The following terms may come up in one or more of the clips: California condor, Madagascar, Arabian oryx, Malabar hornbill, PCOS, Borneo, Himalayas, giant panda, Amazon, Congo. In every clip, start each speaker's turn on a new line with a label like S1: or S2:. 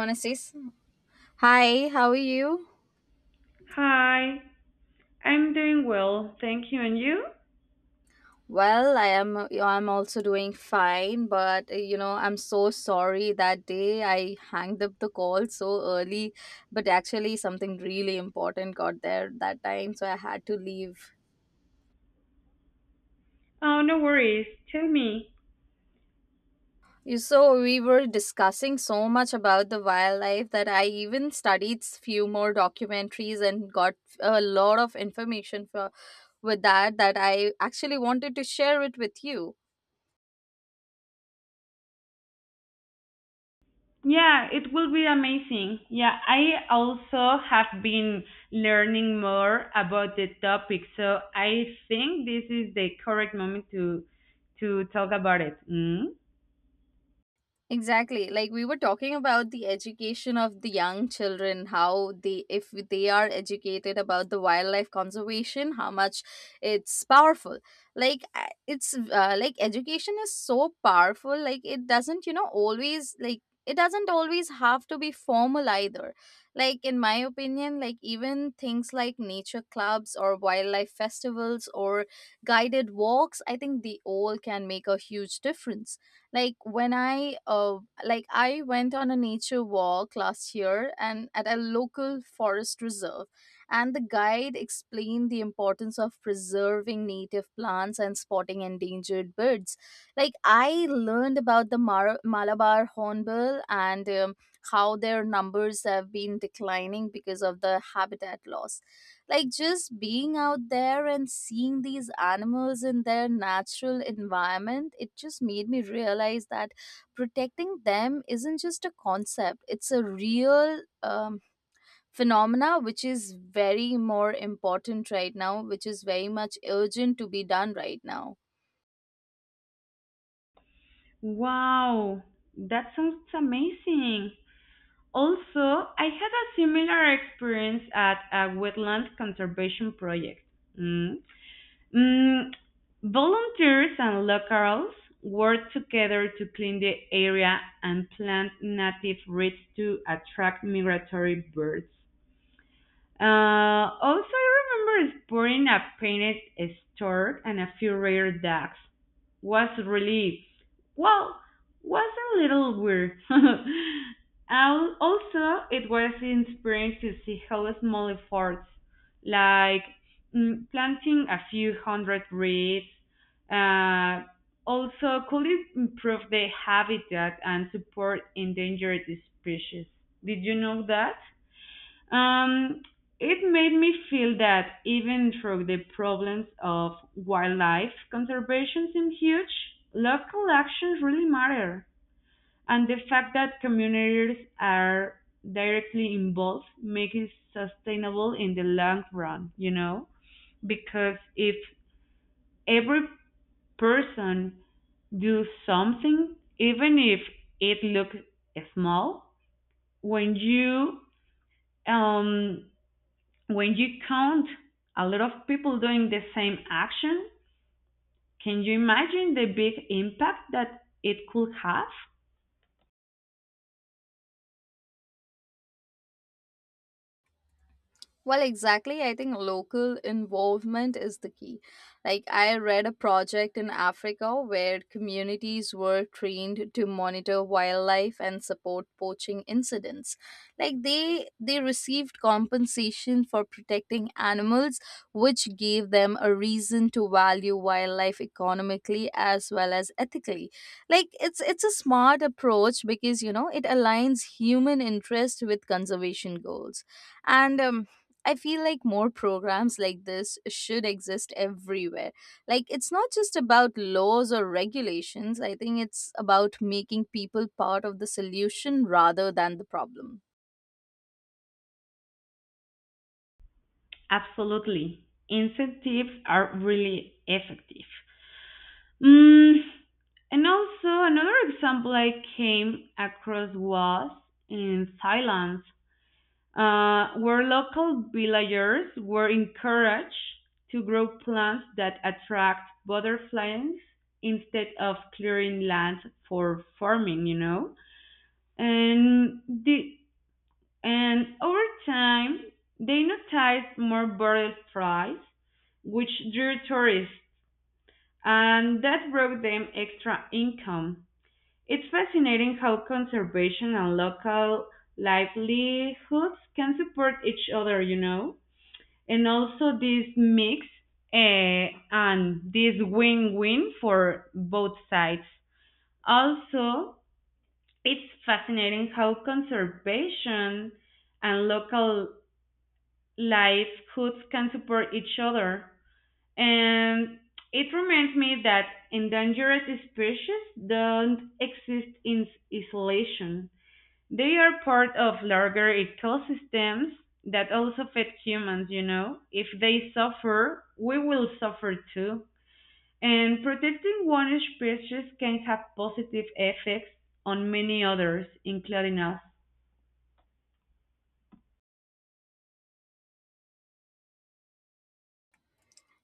S1: Monasis. Hi, how are you?
S2: Hi, I'm doing well, thank you. And you?
S1: Well, I'm also doing fine, but I'm so sorry that day I hanged up the call so early, but actually something really important got there that time, so I had to leave.
S2: Oh, no worries. Tell me.
S1: So we were discussing so much about the wildlife that I even studied few more documentaries and got a lot of information for with that I actually wanted to share it with you.
S2: Yeah, it will be amazing. Yeah, I also have been learning more about the topic, so I think this is the correct moment to talk about it. Mm?
S1: Exactly. Like, we were talking about the education of the young children, how they, if they are educated about the wildlife conservation, how much it's powerful. Like, education is so powerful. Like it doesn't, always like, it doesn't always have to be formal either. Like in my opinion, like even things like nature clubs or wildlife festivals or guided walks, I think they all can make a huge difference like when i uh, like I went on a nature walk last year and at a local forest reserve, and the guide explained the importance of preserving native plants and spotting endangered birds. Like I learned about the Malabar hornbill and how their numbers have been declining because of the habitat loss. Like just being out there and seeing these animals in their natural environment, it just made me realize that protecting them isn't just a concept, it's a real phenomena, which is very more important right now, which is very much urgent to be done right now.
S2: Wow, that sounds amazing. Also, I had a similar experience at a wetland conservation project. Mm? Mm, Volunteers and locals work together to clean the area and plant native reeds to attract migratory birds. Also, I remember spotting a painted stork and a few rare ducks. Was really, well, was a little weird. Also, it was inspiring to see how small efforts, like planting a few hundred reeds, uh, also could improve the habitat and support endangered species. Did you know that? Um, it made me feel that even though the problems of wildlife conservation seem huge, local actions really matter. And the fact that communities are directly involved makes it sustainable in the long run, you know? Because if every person do something, even if it looks small, when you um, when you count a lot of people doing the same action, can you imagine the big impact that it could have?
S1: Well, exactly. I think local involvement is the key. Like, I read a project in Africa where communities were trained to monitor wildlife and support poaching incidents. Like, they received compensation for protecting animals, which gave them a reason to value wildlife economically as well as ethically. Like, it's a smart approach because you know it aligns human interest with conservation goals and I feel like more programs like this should exist everywhere. Like, it's not just about laws or regulations. I think it's about making people part of the solution rather than the problem.
S2: Absolutely. Incentives are really effective. Mm, and also, another example I came across was in Thailand. Where local villagers were encouraged to grow plants that attract butterflies instead of clearing land for farming, you know. And the and over time, they noticed more butterflies, which drew tourists, and that brought them extra income. It's fascinating how conservation and local livelihoods can support each other, you know, and also this mix and this win-win for both sides. Also, it's fascinating how conservation and local livelihoods can support each other. And it reminds me that endangered species don't exist in isolation. They are part of larger ecosystems that also affect humans, you know. If they suffer, we will suffer too. And protecting one species can have positive effects on many others, including us.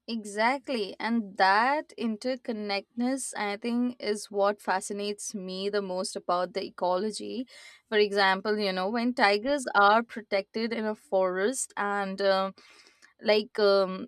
S1: Exactly. And that interconnectedness, I think, is what fascinates me the most about the ecology. For example, you know, when tigers are protected in a forest and like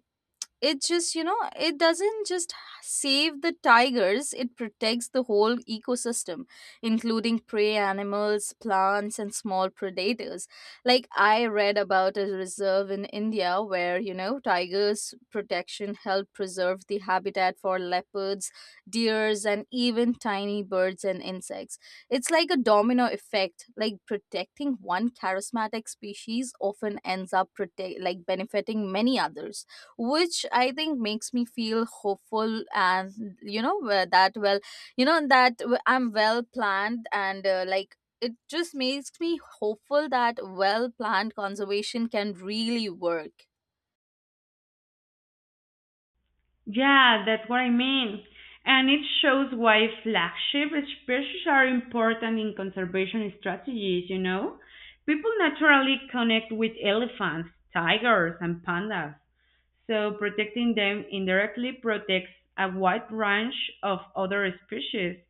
S1: it just you know it doesn't just save the tigers, it protects the whole ecosystem, including prey animals, plants, and small predators. Like I read about a reserve in India where you know tigers protection helped preserve the habitat for leopards, deers, and even tiny birds and insects. It's like a domino effect, like protecting one charismatic species often ends up protect like benefiting many others, which I think makes me feel hopeful, and you know that well you know that w- I'm well planned and, it just makes me hopeful that well planned conservation can really work.
S2: Yeah, that's what I mean. And it shows why flagship species are important in conservation strategies, you know? People naturally connect with elephants, tigers, and pandas. So protecting them indirectly protects a wide range of other species.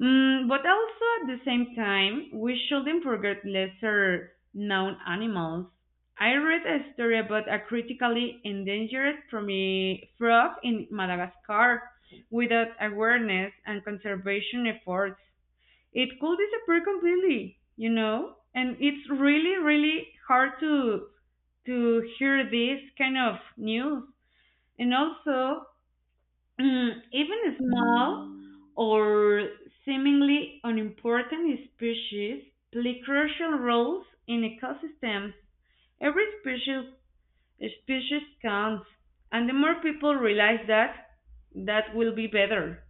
S2: Mm, but also at the same time, we shouldn't forget lesser known animals. I read a story about a critically endangered frog in Madagascar without awareness and conservation efforts. It could disappear completely, you know? And it's really, really hard to hear this kind of news. And also, mm, even small or seemingly unimportant species play crucial roles in ecosystems. Every species counts, and the more people realize that, that will be better.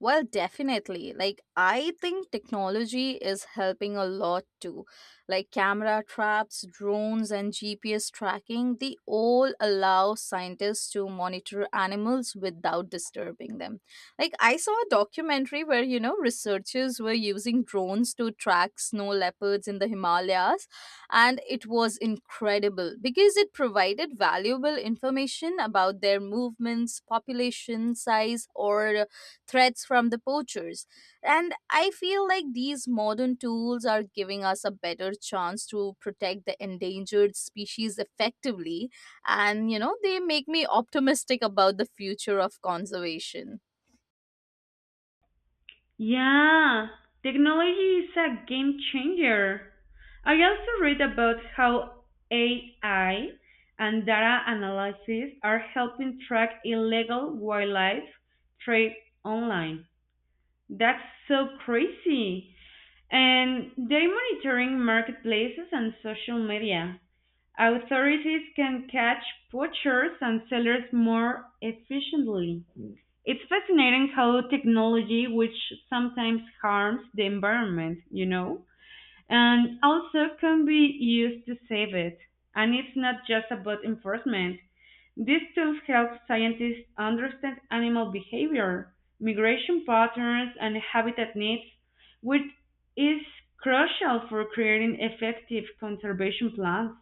S1: Well, definitely. Like, I think technology is helping a lot too. Like, camera traps, drones, and GPS tracking, they all allow scientists to monitor animals without disturbing them. Like, I saw a documentary where, you know, researchers were using drones to track snow leopards in the Himalayas, and it was incredible because it provided valuable information about their movements, population size, or threats from the poachers. And I feel like these modern tools are giving us a better chance to protect the endangered species effectively. And, you know, they make me optimistic about the future of conservation.
S2: Yeah, technology is a game changer. I also read about how AI and data analysis are helping track illegal wildlife trade online. That's so crazy. And they're monitoring marketplaces and social media. Authorities can catch poachers and sellers more efficiently. It's fascinating how technology, which sometimes harms the environment, you know, and also can be used to save it. And it's not just about enforcement. These tools help scientists understand animal behavior, migration patterns, and habitat needs, which is crucial for creating effective conservation plans.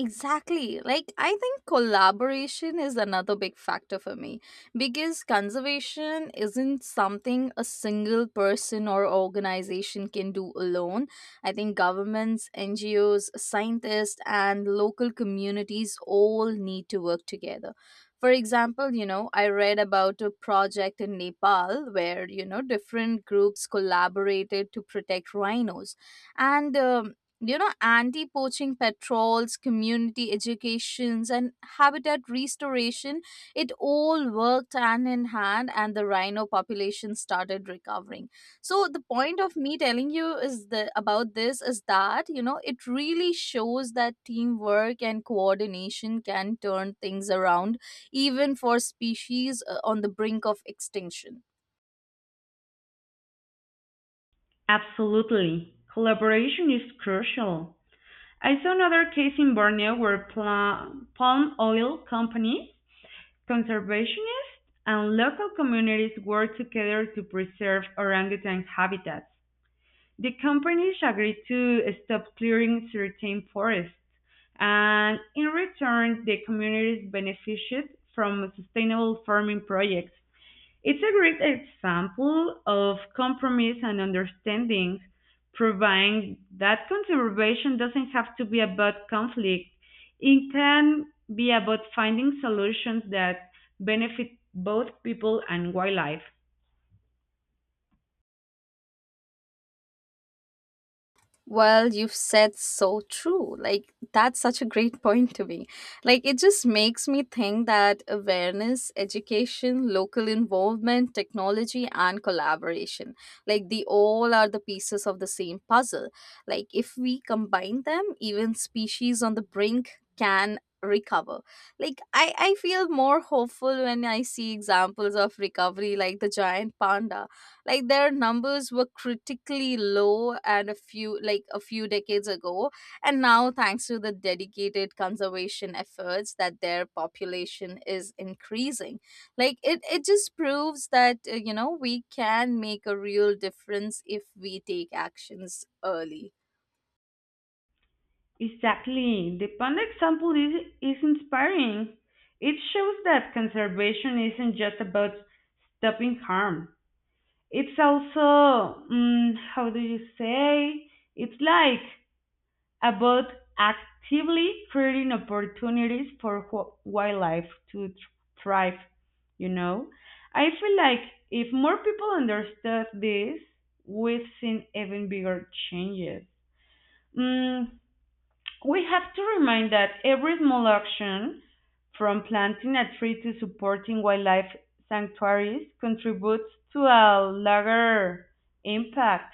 S1: Exactly. Like, I think collaboration is another big factor for me because conservation isn't something a single person or organization can do alone. I think governments, NGOs, scientists, and local communities all need to work together. For example, you know, I read about a project in Nepal where, you know, different groups collaborated to protect rhinos and you know anti-poaching patrols, community educations, and habitat restoration, it all worked hand in hand, and the rhino population started recovering. So the point of me telling you is the about this is that you know it really shows that teamwork and coordination can turn things around, even for species on the brink of extinction.
S2: Absolutely. Collaboration is crucial. I saw another case in Borneo where palm oil companies, conservationists, and local communities worked together to preserve orangutan habitats. The companies agreed to stop clearing certain forests, and in return, the communities benefited from sustainable farming projects. It's a great example of compromise and understanding, proving that conservation doesn't have to be about conflict. It can be about finding solutions that benefit both people and wildlife.
S1: Well, you've said so true. Like, that's such a great point to me. Like, it just makes me think that awareness, education, local involvement, technology, and collaboration, like, they all are the pieces of the same puzzle. Like, if we combine them, even species on the brink can recover. Like I feel more hopeful when I see examples of recovery like the giant panda. Like their numbers were critically low and a few like a few decades ago, and now thanks to the dedicated conservation efforts, that their population is increasing. Like it just proves that you know we can make a real difference if we take actions early.
S2: Exactly. The panda example is inspiring. It shows that conservation isn't just about stopping harm. It's also, mm, how do you say? It's like about actively creating opportunities for wildlife to thrive, you know. I feel like if more people understood this, we've seen even bigger changes. Mm, we have to remind that every small action, from planting a tree to supporting wildlife sanctuaries, contributes to a larger impact.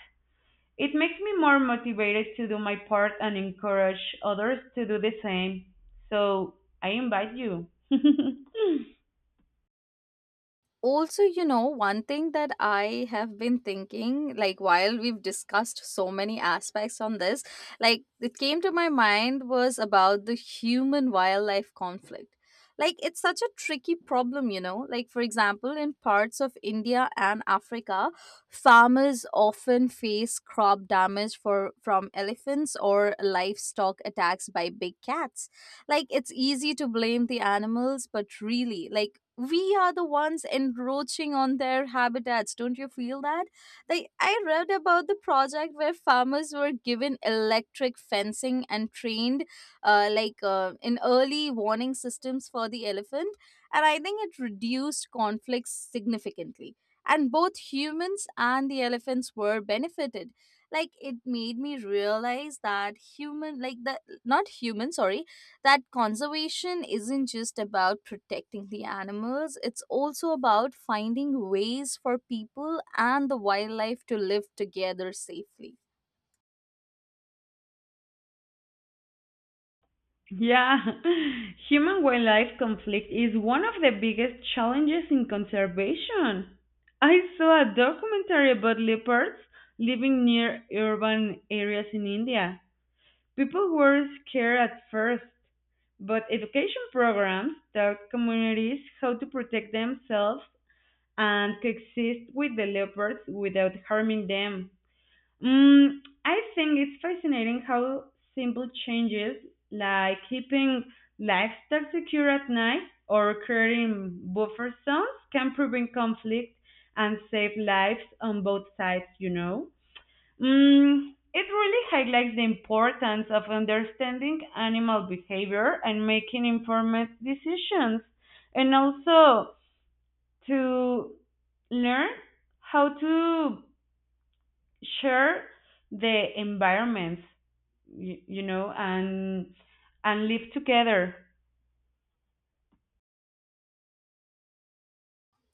S2: It makes me more motivated to do my part and encourage others to do the same. So I invite you.
S1: Also, you know, one thing that I have been thinking, like while we've discussed so many aspects on this, like it came to my mind was about the human wildlife conflict. Like it's such a tricky problem, you know, like for example in parts of India and Africa, farmers often face crop damage for from elephants or livestock attacks by big cats. Like, it's easy to blame the animals, but really, like, we are the ones encroaching on their habitats. Don't you feel that? Like, I read about the project where farmers were given electric fencing and trained, in early warning systems for the elephant. And I think it reduced conflicts significantly. And both humans and the elephants were benefited. Like it made me realize that human like the not human sorry that conservation isn't just about protecting the animals, it's also about finding ways for people and the wildlife to live together safely.
S2: Yeah, human wildlife conflict is one of the biggest challenges in conservation. I saw a documentary about leopards living near urban areas in India. People were scared at first, but education programs taught communities how to protect themselves and coexist with the leopards without harming them. Mm, I think it's fascinating how simple changes like keeping livestock secure at night or creating buffer zones can prevent conflict and save lives on both sides, you know. Mm, it really highlights the importance of understanding animal behavior and making informed decisions. And also, to learn how to share the environments, you know, and live together.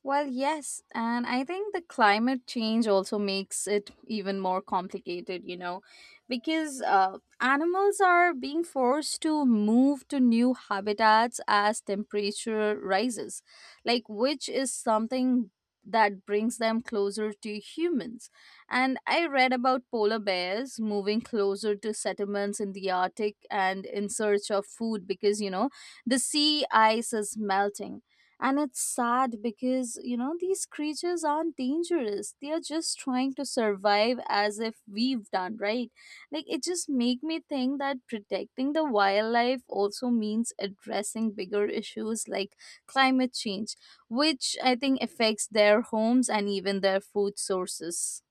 S1: Well, yes, and I think the climate change also makes it even more complicated, you know, because animals are being forced to move to new habitats as temperature rises, like which is something that brings them closer to humans. And I read about polar bears moving closer to settlements in the Arctic and in search of food because, you know, the sea ice is melting, and it's sad because, you know, these creatures aren't dangerous. They are just trying to survive as if we've done, right? Like, it just make me think that protecting the wildlife also means addressing bigger issues like climate change, which I think affects their homes and even their food sources.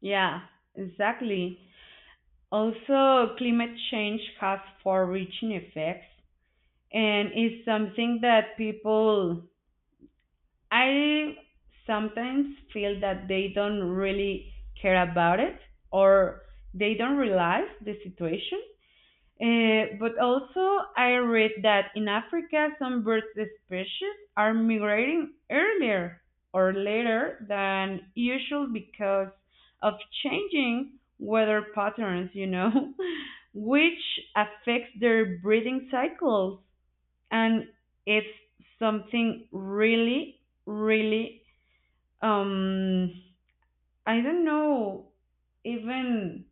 S2: Yeah, exactly. Also, climate change has far-reaching effects and is something that people I sometimes feel that they don't really care about it or they don't realize the situation. But also, I read that in Africa, some bird species are migrating earlier or later than usual because of changing weather patterns, you know, which affects their breeding cycles. And it's something really, really, um, I don't know, even,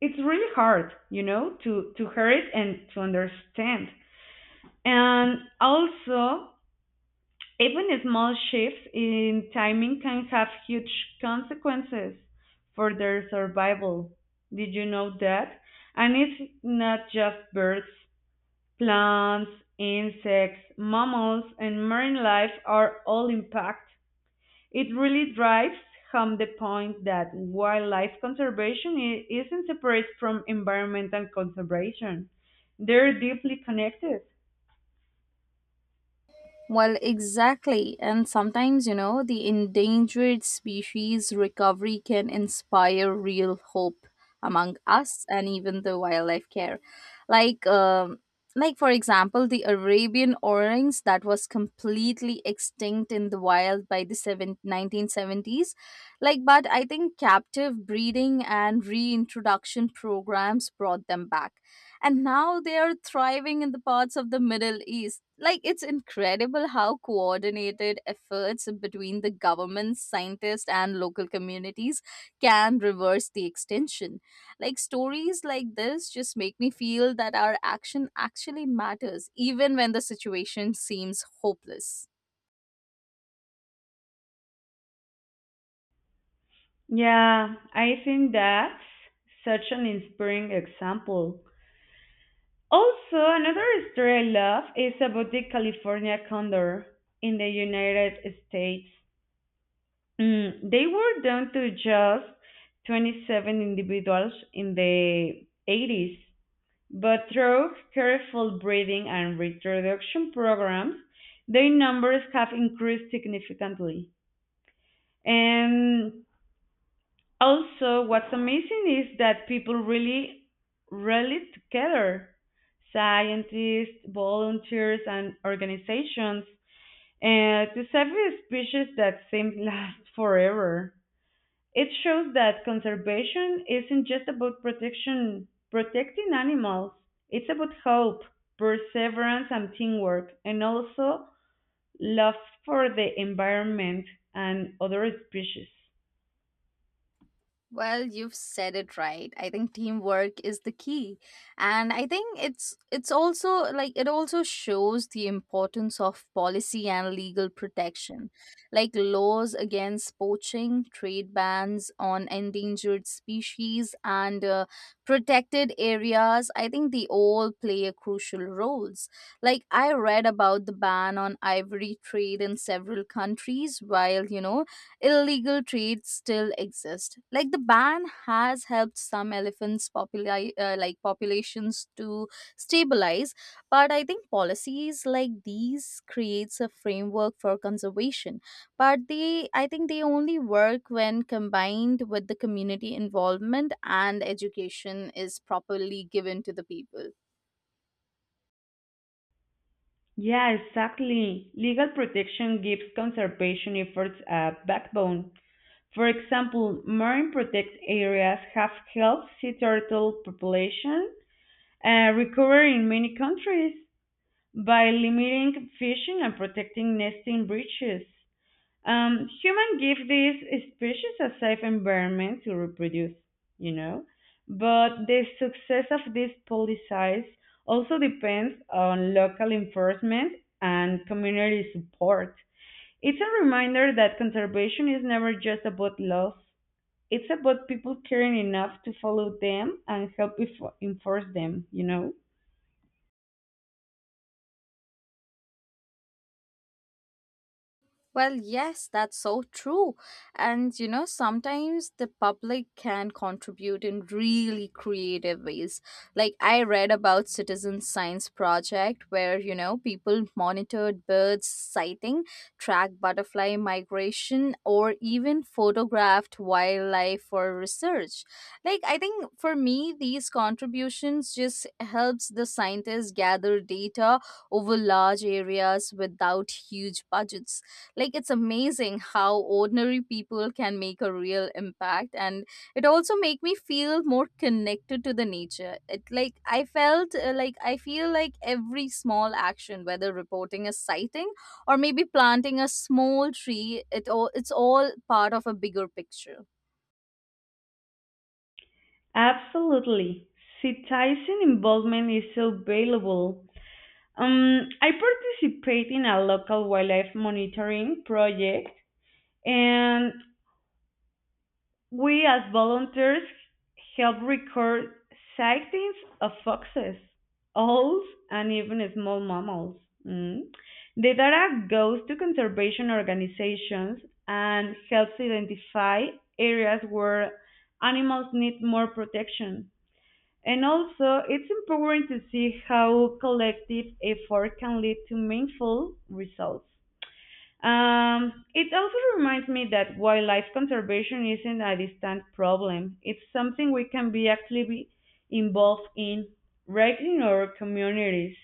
S2: it's really hard, you know, to hear it and to understand. And also, even small shifts in timing can have huge consequences for their survival. Did you know that? And it's not just birds, plants, insects, mammals, and marine life are all impacted. It really drives home the point that wildlife conservation isn't separate from environmental conservation. They're deeply connected.
S1: Well, exactly. And sometimes, you know, the endangered species recovery can inspire real hope among us and even the wildlife care. Like, um, like, for example, the Arabian orangs that was completely extinct in the wild by the seven nineteen seventies. Like, but I think captive breeding and reintroduction programs brought them back, and now they are thriving in the parts of the Middle East. Like, it's incredible how coordinated efforts between the governments, scientists, and local communities can reverse the extinction. Like, stories like this just make me feel that our action actually matters, even when the situation seems hopeless.
S2: Yeah, I think that's such an inspiring example. Also, another story I love is about the California condor in the United States. Mm, they were down to just 27 individuals in the 80s, but through careful breeding and reproduction programs, their numbers have increased significantly. And also, what's amazing is that people really rally together scientists, volunteers, and organizations to save a species that seems last forever. It shows that conservation isn't just about protecting animals. It's about hope, perseverance, and teamwork, and also love for the environment and other species.
S1: Well, you've said it right. I think teamwork is the key. And I think it's also like it also shows the importance of policy and legal protection. Like laws against poaching, trade bans on endangered species, and protected areas, I think they all play a crucial roles. Like I read about the ban on ivory trade in several countries while, you know, illegal trade still exists. Like the ban has helped some elephants populations to stabilize, but I think policies like these creates a framework for conservation. But they I think they only work when combined with the community involvement and education is properly given to the people.
S2: Yeah, exactly. Legal protection gives conservation efforts a backbone. For example, marine protected areas have helped sea turtle population recover in many countries by limiting fishing and protecting nesting breaches. Human give these species a safe environment to reproduce, you know, but the success of these policies also depends on local enforcement and community support. It's a reminder that conservation is never just about laws. It's about people caring enough to follow them and help enforce them, you know?
S1: Well, yes, that's so true. And you know, sometimes the public can contribute in really creative ways. Like I read about citizen science project where, you know, people monitored birds sighting, tracked butterfly migration, or even photographed wildlife for research. Like I think for me these contributions just helps the scientists gather data over large areas without huge budgets. Like it's amazing how ordinary people can make a real impact, and it also make me feel more connected to the nature. It like I felt like I feel like every small action, whether reporting a sighting or maybe planting a small tree, it's all part of a bigger picture.
S2: Absolutely. Citizen involvement is so valuable. I participate in a local wildlife monitoring project, and we as volunteers help record sightings of foxes, owls, and even small mammals. Mm. The data goes to conservation organizations and helps identify areas where animals need more protection. And also, it's empowering to see how collective effort can lead to meaningful results. It also reminds me that wildlife conservation isn't a distant problem. It's something we can be actively involved in right in our communities.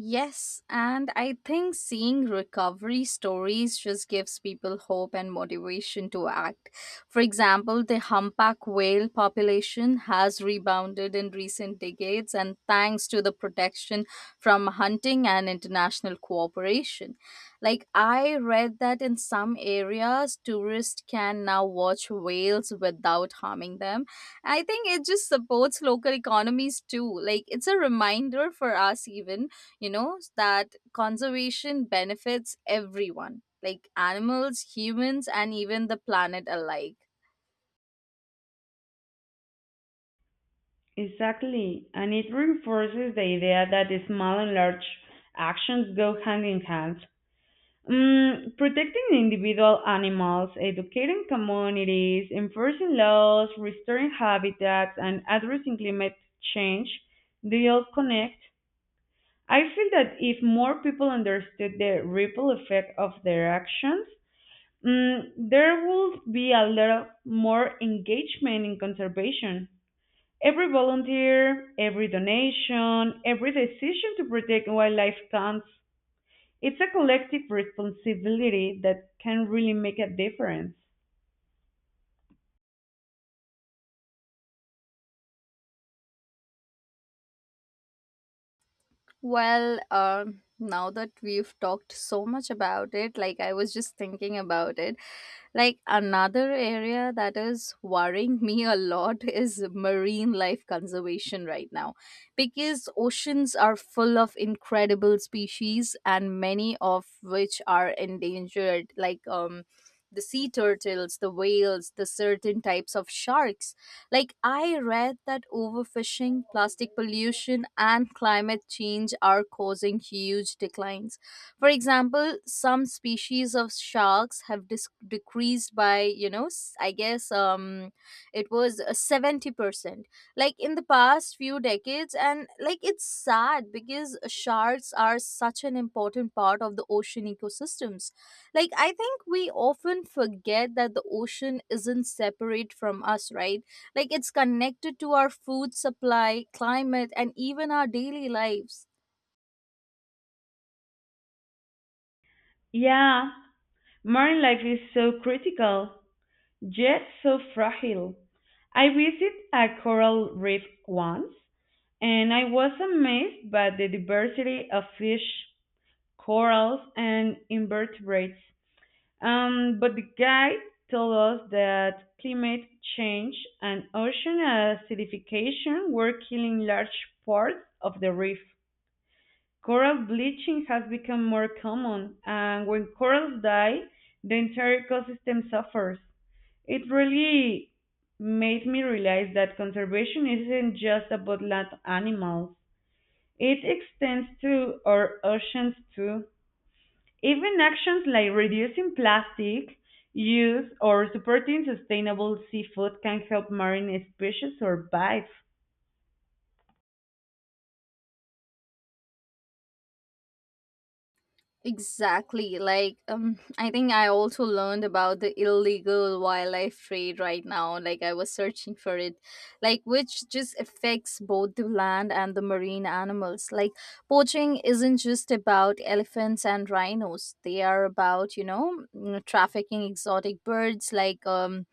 S1: Yes, and I think seeing recovery stories just gives people hope and motivation to act. For example, the humpback whale population has rebounded in recent decades, and thanks to the protection from hunting and international cooperation. Like, I read that in some areas, tourists can now watch whales without harming them. I think it just supports local economies too. Like, it's a reminder for us, even you know, that conservation benefits everyone like animals, humans, and even the planet alike.
S2: Exactly. And it reinforces the idea that the small and large actions go hand in hand. Mm, protecting individual animals, educating communities, enforcing laws, restoring habitats, and addressing climate change, they all connect. I feel that if more people understood the ripple effect of their actions, mm, there would be a lot more engagement in conservation. Every volunteer, every donation, every decision to protect wildlife counts. It's a collective responsibility that can really make a difference.
S1: Well, now that we've talked so much about it, like I was just thinking about it, like another area that is worrying me a lot is marine life conservation right now, because oceans are full of incredible species and many of which are endangered, like the sea turtles, the whales, the certain types of sharks. Like, I read that overfishing, plastic pollution, and climate change are causing huge declines. For example, some species of sharks have decreased by, you know, I guess it was 70%. Like, in the past few decades, and like, it's sad because sharks are such an important part of the ocean ecosystems. Like I think we often forget that the ocean isn't separate from us, right? Like it's connected to our food supply, climate, and even our daily lives.
S2: Yeah, modern life is so critical, yet so fragile. I visited a coral reef once, and I was amazed by the diversity of fish, corals, and invertebrates. But the guide told us that climate change and ocean acidification were killing large parts of the reef. Coral bleaching has become more common, and when corals die, the entire ecosystem suffers. It really made me realize that conservation isn't just about land animals. It extends to our oceans too. Even actions like reducing plastic use or supporting sustainable seafood can help marine species survive.
S1: Exactly. I think I also learned about the illegal wildlife trade right now. Like, I was searching for it, like, which just affects both the land and the marine animals. Like, poaching isn't just about elephants and rhinos, they are about, you know, mm, trafficking exotic birds like, um,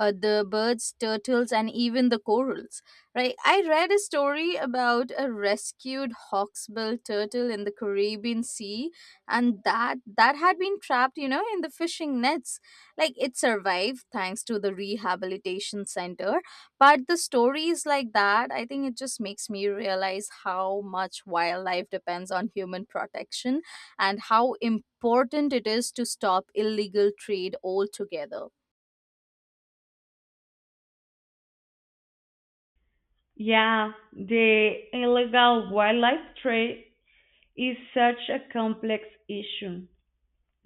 S1: uh, the birds, turtles, and even the corals. Right? I read a story about a rescued hawksbill turtle in the Caribbean Sea, and that had been trapped, you know, in the fishing nets. Like it survived thanks to the rehabilitation center. But the stories like that, I think it just makes me realize how much wildlife depends on human protection, and how important it is to stop illegal trade altogether.
S2: Yeah, the illegal wildlife trade is such a complex issue.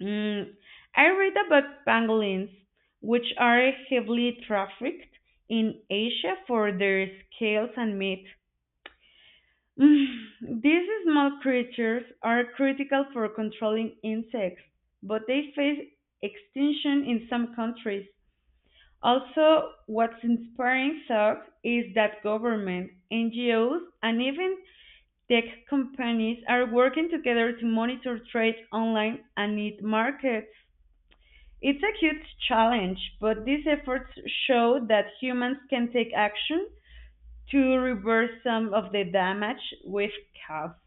S2: Mm, I read about pangolins, which are heavily trafficked in Asia for their scales and meat. Mm, these small creatures are critical for controlling insects, but they face extinction in some countries. Also, what's inspiring SOC is that government, NGOs, and even Tech companies are working together to monitor trade online and its markets. It's a huge challenge, but these efforts show that humans can take action to reverse some of the damage we've caused.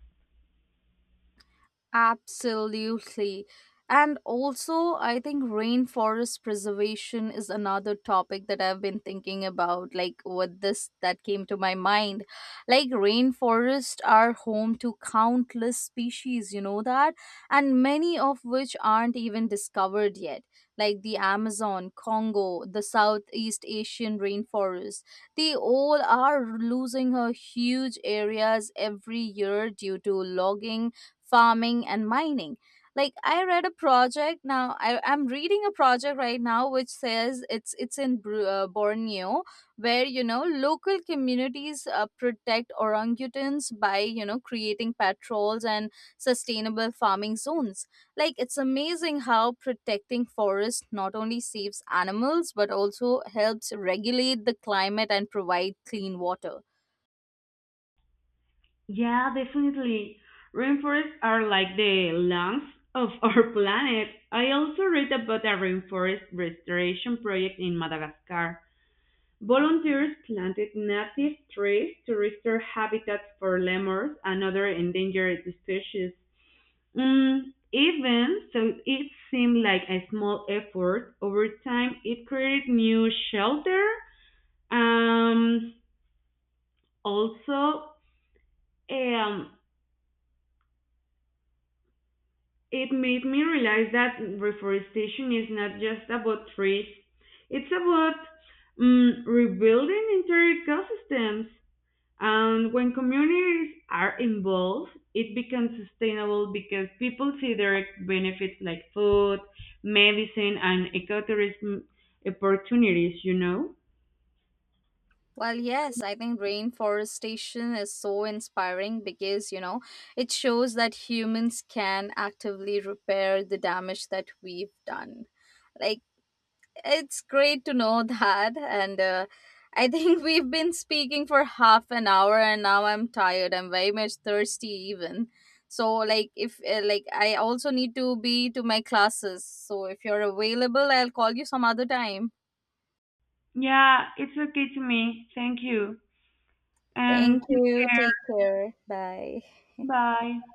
S1: Absolutely. And also, I think rainforest preservation is another topic that I've been thinking about, like with this that came to my mind. Like, rainforests are home to countless species, you know that? And many of which aren't even discovered yet, like the Amazon, Congo, the Southeast Asian rainforest. They all are losing a huge areas every year due to logging, farming, and mining. Like I read a project I'm reading a project right now which says it's in Borneo, where you know local communities protect orangutans by you know creating patrols and sustainable farming zones. Like it's amazing how protecting forests not only saves animals but also helps regulate the climate and provide clean water.
S2: Yeah, definitely. Rainforests are like the lungs of our planet. I also read about a rainforest restoration project in Madagascar. Volunteers planted native trees to restore habitats for lemurs and other endangered species. Mm, even so, it seemed like a small effort. Over time, it created new shelter. Um, also, um, it made me realize that reforestation is not just about trees. It's about mm rebuilding entire ecosystems. And when communities are involved, it becomes sustainable because people see direct benefits like food, medicine, and ecotourism opportunities, you know?
S1: Well, yes, I think rainforestation is so inspiring because, you know, it shows that humans can actively repair the damage that we've done. Like, it's great to know that. And I think we've been speaking for half an hour and now I'm tired. I'm very much thirsty, even. So, like, if, like, I also need to be to my classes. So, if you're available, I'll call you some other time.
S2: Yeah, it's okay to me. Thank you. And
S1: Thank
S2: take
S1: you.
S2: care.
S1: Take care. Bye.
S2: Bye.